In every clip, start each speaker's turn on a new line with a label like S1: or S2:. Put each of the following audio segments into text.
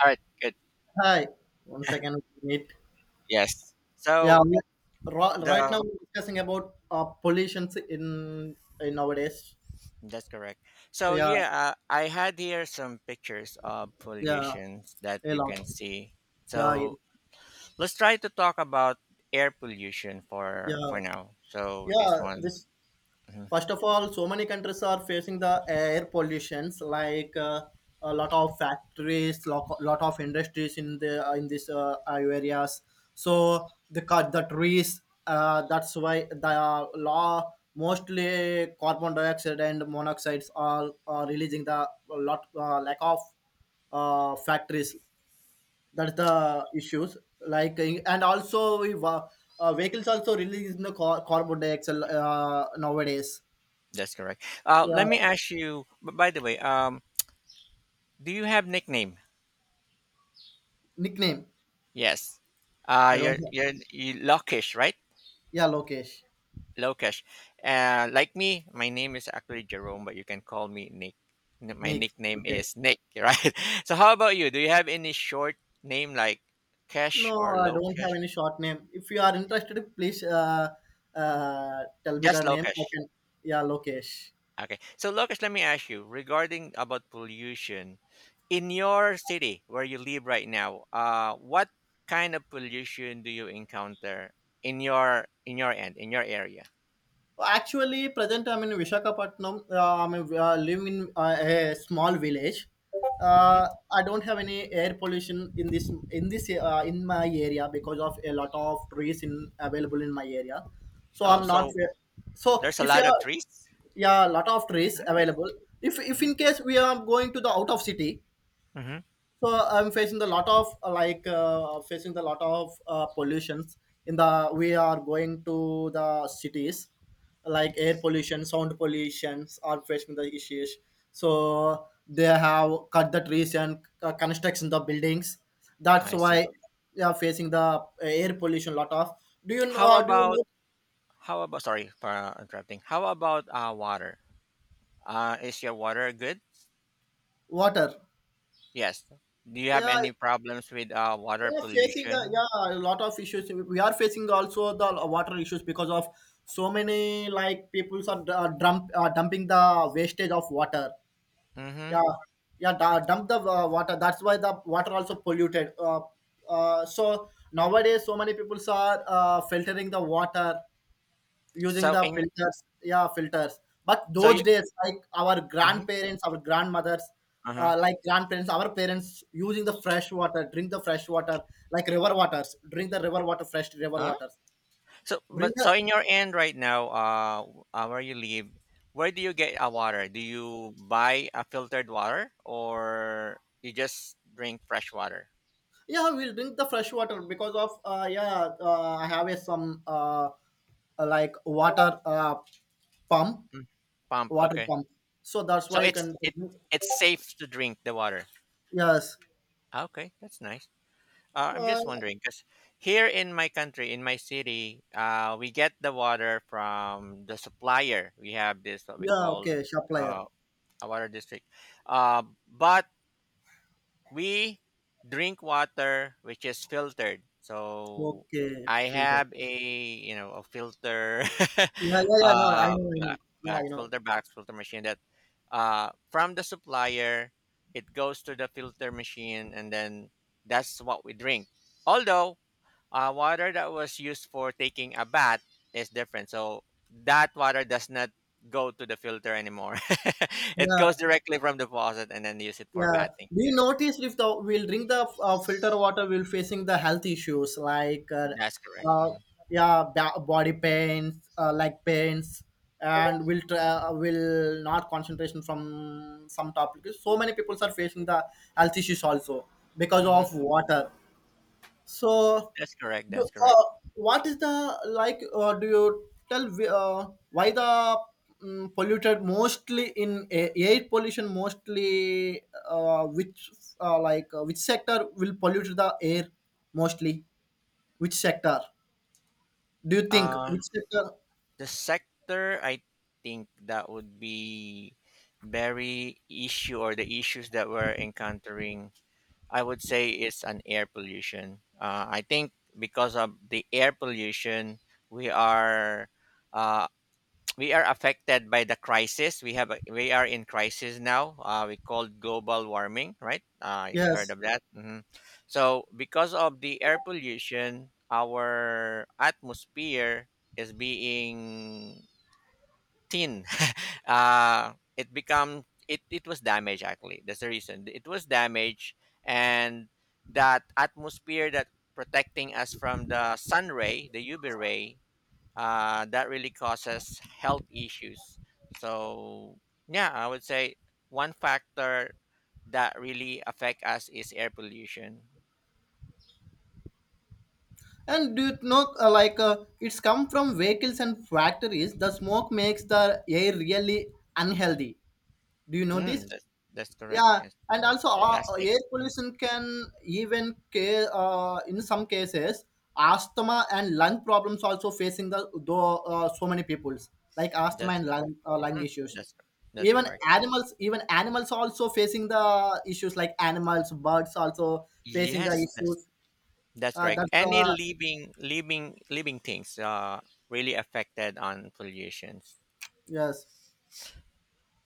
S1: All right, good.
S2: Hi, one second. We meet.
S1: Yes.
S2: Yeah,
S1: So
S2: we- right
S1: the
S2: now we're discussing about pollutions in nowadays.
S1: that's correct. So
S2: Yeah,
S1: yeah, I had here some pictures of
S2: yeah,
S1: pollutions that
S2: a
S1: you
S2: lot.
S1: can see.
S2: Yeah, yeah,
S1: So let's try to talk about air pollution for now. So this
S2: yeah.
S1: one,
S2: This
S1: mhm,
S2: First of all, so many countries are facing the air pollutions, like a lot of factories, lot of industries in the in these areas. So the cut the trees. That's why the law mostly carbon dioxide and monoxides are releasing the lot lack of factories. That's the issues. And also vehicles also releasing the carbon dioxide nowadays.
S1: that's correct. Let
S2: Yeah,
S1: me ask you. By the way, do you have nickname?
S2: nickname.
S1: Yes.
S2: I don't have.
S1: You Lockish, right?
S2: Yeah, Lokesh.
S1: Lokesh. Like me, my name is actually Jerome, but you can call me Nick. My
S2: Nick.
S1: nickname
S2: Okay.
S1: is Nick, right? So, how about you? Do you have any short name like Kesh
S2: No,
S1: or
S2: I don't have
S1: Lokesh?
S2: any short name. If you are interested, please tell me
S1: Just
S2: the name. I
S1: Lokesh.
S2: can. Yeah, Lokesh.
S1: Okay. So, Lokesh, let me ask you regarding about pollution in your city where you live right now. What kind of pollution do you encounter in your end in your area?
S2: Actually, present I'm in Vishakhapatnam. I'm living in a small village.
S1: Mm-hmm.
S2: I don't have any air pollution in this in my area because of a lot of trees in available in my area. So
S1: Oh,
S2: I'm not.
S1: so
S2: So
S1: there's a
S2: if
S1: lot
S2: you
S1: of
S2: are,
S1: trees.
S2: yeah, a lot of trees
S1: Nice.
S2: available. If
S1: Mm-hmm.
S2: in case we are going to the out of city,
S1: Mm-hmm.
S2: so I'm facing the lot of facing the lot of pollutions in the we are going to the cities, like air pollution, sound pollutions are facing the issues. So they have cut the trees and construction the buildings. That's
S1: I see.
S2: why they are facing the air pollution lot of.
S1: How
S2: Do you
S1: about
S2: know
S1: how about, sorry for interrupting. How about water? Is your water good?
S2: water?
S1: Yes. Do you have
S2: Yeah
S1: any problems with water
S2: Yeah, facing
S1: pollution?
S2: a lot of issues. We are facing also the water issues because of so many like people are dumping the wastage of water.
S1: Mm-hmm.
S2: Yeah, yeah, dump the water. That's why the water also polluted. So nowadays, so many people are filtering the water using
S1: So
S2: the
S1: in
S2: filters, yeah, filters. But
S1: so you
S2: those days, like our
S1: mm-hmm.
S2: grandparents, our grandmothers,
S1: Uh-huh.
S2: grandparents, our parents using the fresh water, drink the fresh water, like river waters, drink the river water, fresh river
S1: Huh?
S2: waters.
S1: So
S2: Bring
S1: but so
S2: the,
S1: in your end right now, where you live, where do you get water? Do you buy a filtered water or you just drink fresh water?
S2: yeah, we'll drink the fresh water because of, yeah, I have a some uh, like water, pump,
S1: Mm. Pump,
S2: water
S1: okay.
S2: pump, so that's
S1: So
S2: why you
S1: it's
S2: can.
S1: it it's safe to drink the water.
S2: Yes,
S1: Ah, okay, that's nice. I'm
S2: uh,
S1: just wondering because here in my country, in my city, we get the water from the supplier. We have this what we
S2: yeah,
S1: call
S2: okay, supplier.
S1: uh, a water district, but we drink water which is filtered. So
S2: Okay,
S1: I
S2: filter.
S1: have a, you know, a filter,
S2: Yeah, yeah, yeah. No, I
S1: uh,
S2: know, I know.
S1: ba-
S2: Yeah,
S1: back
S2: I know.
S1: filter, machine that from the supplier it goes to the filter machine, and then that's what we drink, although water that was used for taking a bath is different. So that water does not go to the filter anymore. It
S2: Yeah,
S1: goes directly from the faucet and then use it for
S2: yeah.
S1: bathing.
S2: We noticed if the we'll drink the filter water, we'll facing the health issues, like,
S1: That's correct.
S2: uh
S1: Hmm.
S2: yeah, body pains, leg pains, and we'll will not concentration from some topics. So many people are facing the health issues also because
S1: Hmm.
S2: of water. So,
S1: That's correct.
S2: do,
S1: That's correct.
S2: what is the like? Do you tell wh- Why the polluted mostly in air pollution mostly, uh, which which sector will pollute the air mostly? Which sector do you think?
S1: Uh,
S2: Which sector?
S1: the sector, I think that would be very issue or the issues that we're encountering. I would say it's an air pollution. I think because of the air pollution, we are uh, we are affected by the crisis. We are in crisis now. We call global warming, right? You heard
S2: Yes.
S1: of that? Hmm. So because of the air pollution, our atmosphere is being thin. Uh, it was damaged actually. That's the reason it was damaged, and that atmosphere that protecting us from the sun ray, the UV ray, that really causes health issues. So yeah, I would say one factor that really affect us is air pollution.
S2: And do you know, it's come from vehicles and factories. The smoke makes the air really unhealthy. Do you know this?
S1: Mm, that's correct.
S2: Yeah,
S1: That's
S2: and
S1: correct.
S2: also
S1: Plastic.
S2: air
S1: Mhm.
S2: pollution can even in some cases asthma and lung problems also facing the though, so many peoples, like asthma
S1: That's
S2: and
S1: correct.
S2: lung
S1: Hmm.
S2: issues.
S1: That's cor- that's
S2: even
S1: correct.
S2: Even animals also facing the issues, like animals, birds also facing the
S1: Yes,
S2: issues.
S1: that's correct.
S2: That's
S1: Any
S2: the
S1: living things really affected on pollution.
S2: yes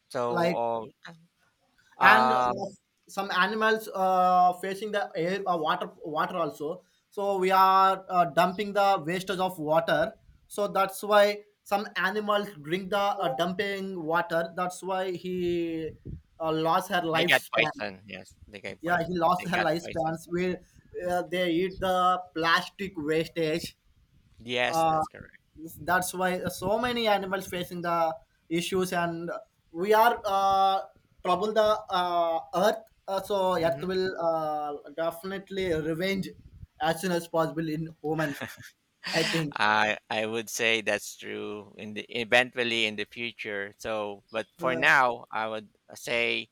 S1: So
S2: like and
S1: um
S2: Some animals facing the air, water also. So we are dumping the wastage of water, so that's why some animals drink the dumping water. That's why he lost her
S1: they got
S2: lifespan,
S1: poison. Yes, they got
S2: yeah,
S1: poison.
S2: he
S1: They
S2: lost her
S1: got poison.
S2: lifespans. We They eat the plastic wastage.
S1: Yes,
S2: uh,
S1: that's correct.
S2: that's why so many animals facing the issues. And we are trouble the earth. So earth
S1: Hmm.
S2: will definitely revenge as soon as possible in human, I think.
S1: I would say that's true in the eventually in the future. So, but for
S2: Uh,
S1: now, I would say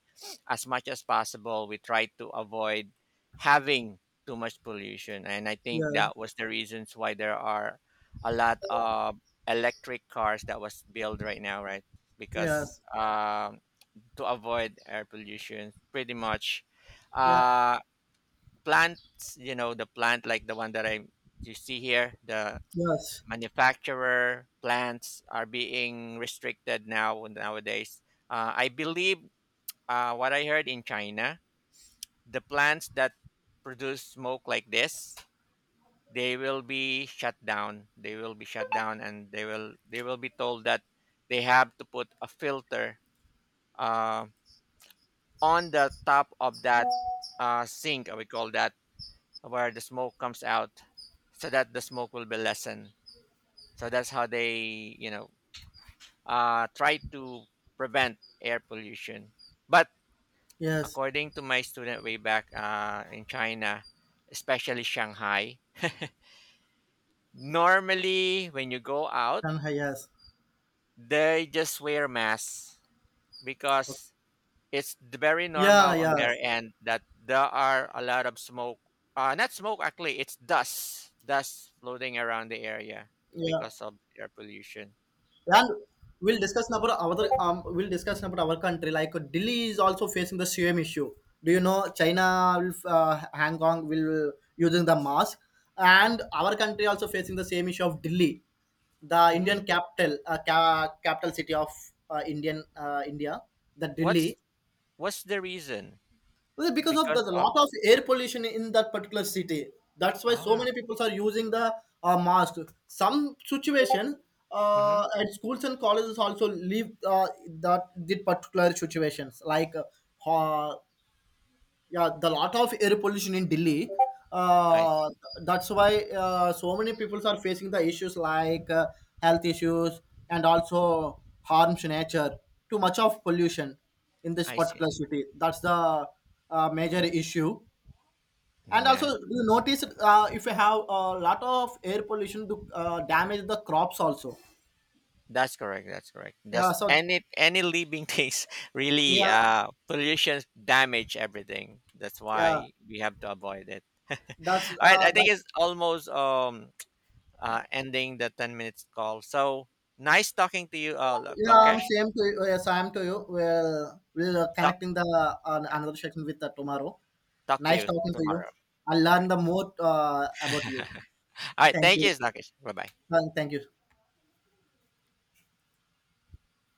S1: as much as possible we try to avoid having too much pollution, and I think
S2: yeah
S1: that was the reasons why there are a lot of electric cars that was built right now, right? Because
S2: yes
S1: to avoid air pollution, pretty much.
S2: yeah
S1: Uh, plants, you know, the plant like the one that I you see here, the
S2: yes
S1: manufacturer plants are being restricted now nowadays. I believe what I heard in China, the plants that produce smoke like this, they will be shut down. They will be shut down, and they will be told that they have to put a filter uh, on the top of that sink. We call that where the smoke comes out so that the smoke will be lessened. So that's how they, you know, try to prevent air pollution. But
S2: yes
S1: according to my student way back in China, especially Shanghai, normally when you go out,
S2: and yes
S1: they just wear masks
S2: Okay.
S1: because it's very
S2: yeah
S1: normal on their
S2: yes
S1: end that there are a lot of smoke. Not smoke, actually, it's dust. Dust floating around the area
S2: yeah
S1: because of air pollution.
S2: And we'll discuss about our country. Like Delhi is also facing the same issue. Do you know China, will, Hong Kong will using the mask, and our country also facing the same issue of Delhi, the
S1: Mm.
S2: Indian capital, capital city of India, the
S1: What's
S2: Delhi.
S1: what's the reason?
S2: Well, because of
S1: Because
S2: the
S1: of
S2: lot of air pollution in that particular city, that's why so
S1: ah,
S2: many people are using the mask. Some situation
S1: mm-hmm.
S2: at schools and colleges also leave that the particular situations like ho- yeah the lot of air pollution in Delhi,
S1: I
S2: uh,
S1: see.
S2: that's why so many people are facing the issues, like health issues, and also harms to nature, too much of pollution in this
S1: I see.
S2: particular city. That's the major issue. And also
S1: Yeah,
S2: you notice, if you have a lot of air pollution to damage the crops also.
S1: that's correct. That's correct.
S2: Yeah
S1: Just
S2: so
S1: any living things really
S2: yeah
S1: pollution damage everything. That's
S2: yeah
S1: why we have to avoid it. All
S2: that's
S1: right, I think
S2: that
S1: it's almost ending the 10 minutes call. So nice talking to you,
S2: Yeah, I'm
S1: Lokesh.
S2: same to you. Yes, I'm to you. Well, we'll
S1: Talk,
S2: connecting the
S1: yeah,
S2: another section with, tomorrow.
S1: talk to
S2: Nice
S1: you
S2: talking to you.
S1: tomorrow.
S2: I
S1: All right.
S2: learned the more about you.
S1: All right.
S2: Thank
S1: Thank
S2: you.
S1: you, Lokesh. Bye bye.
S2: Thank you.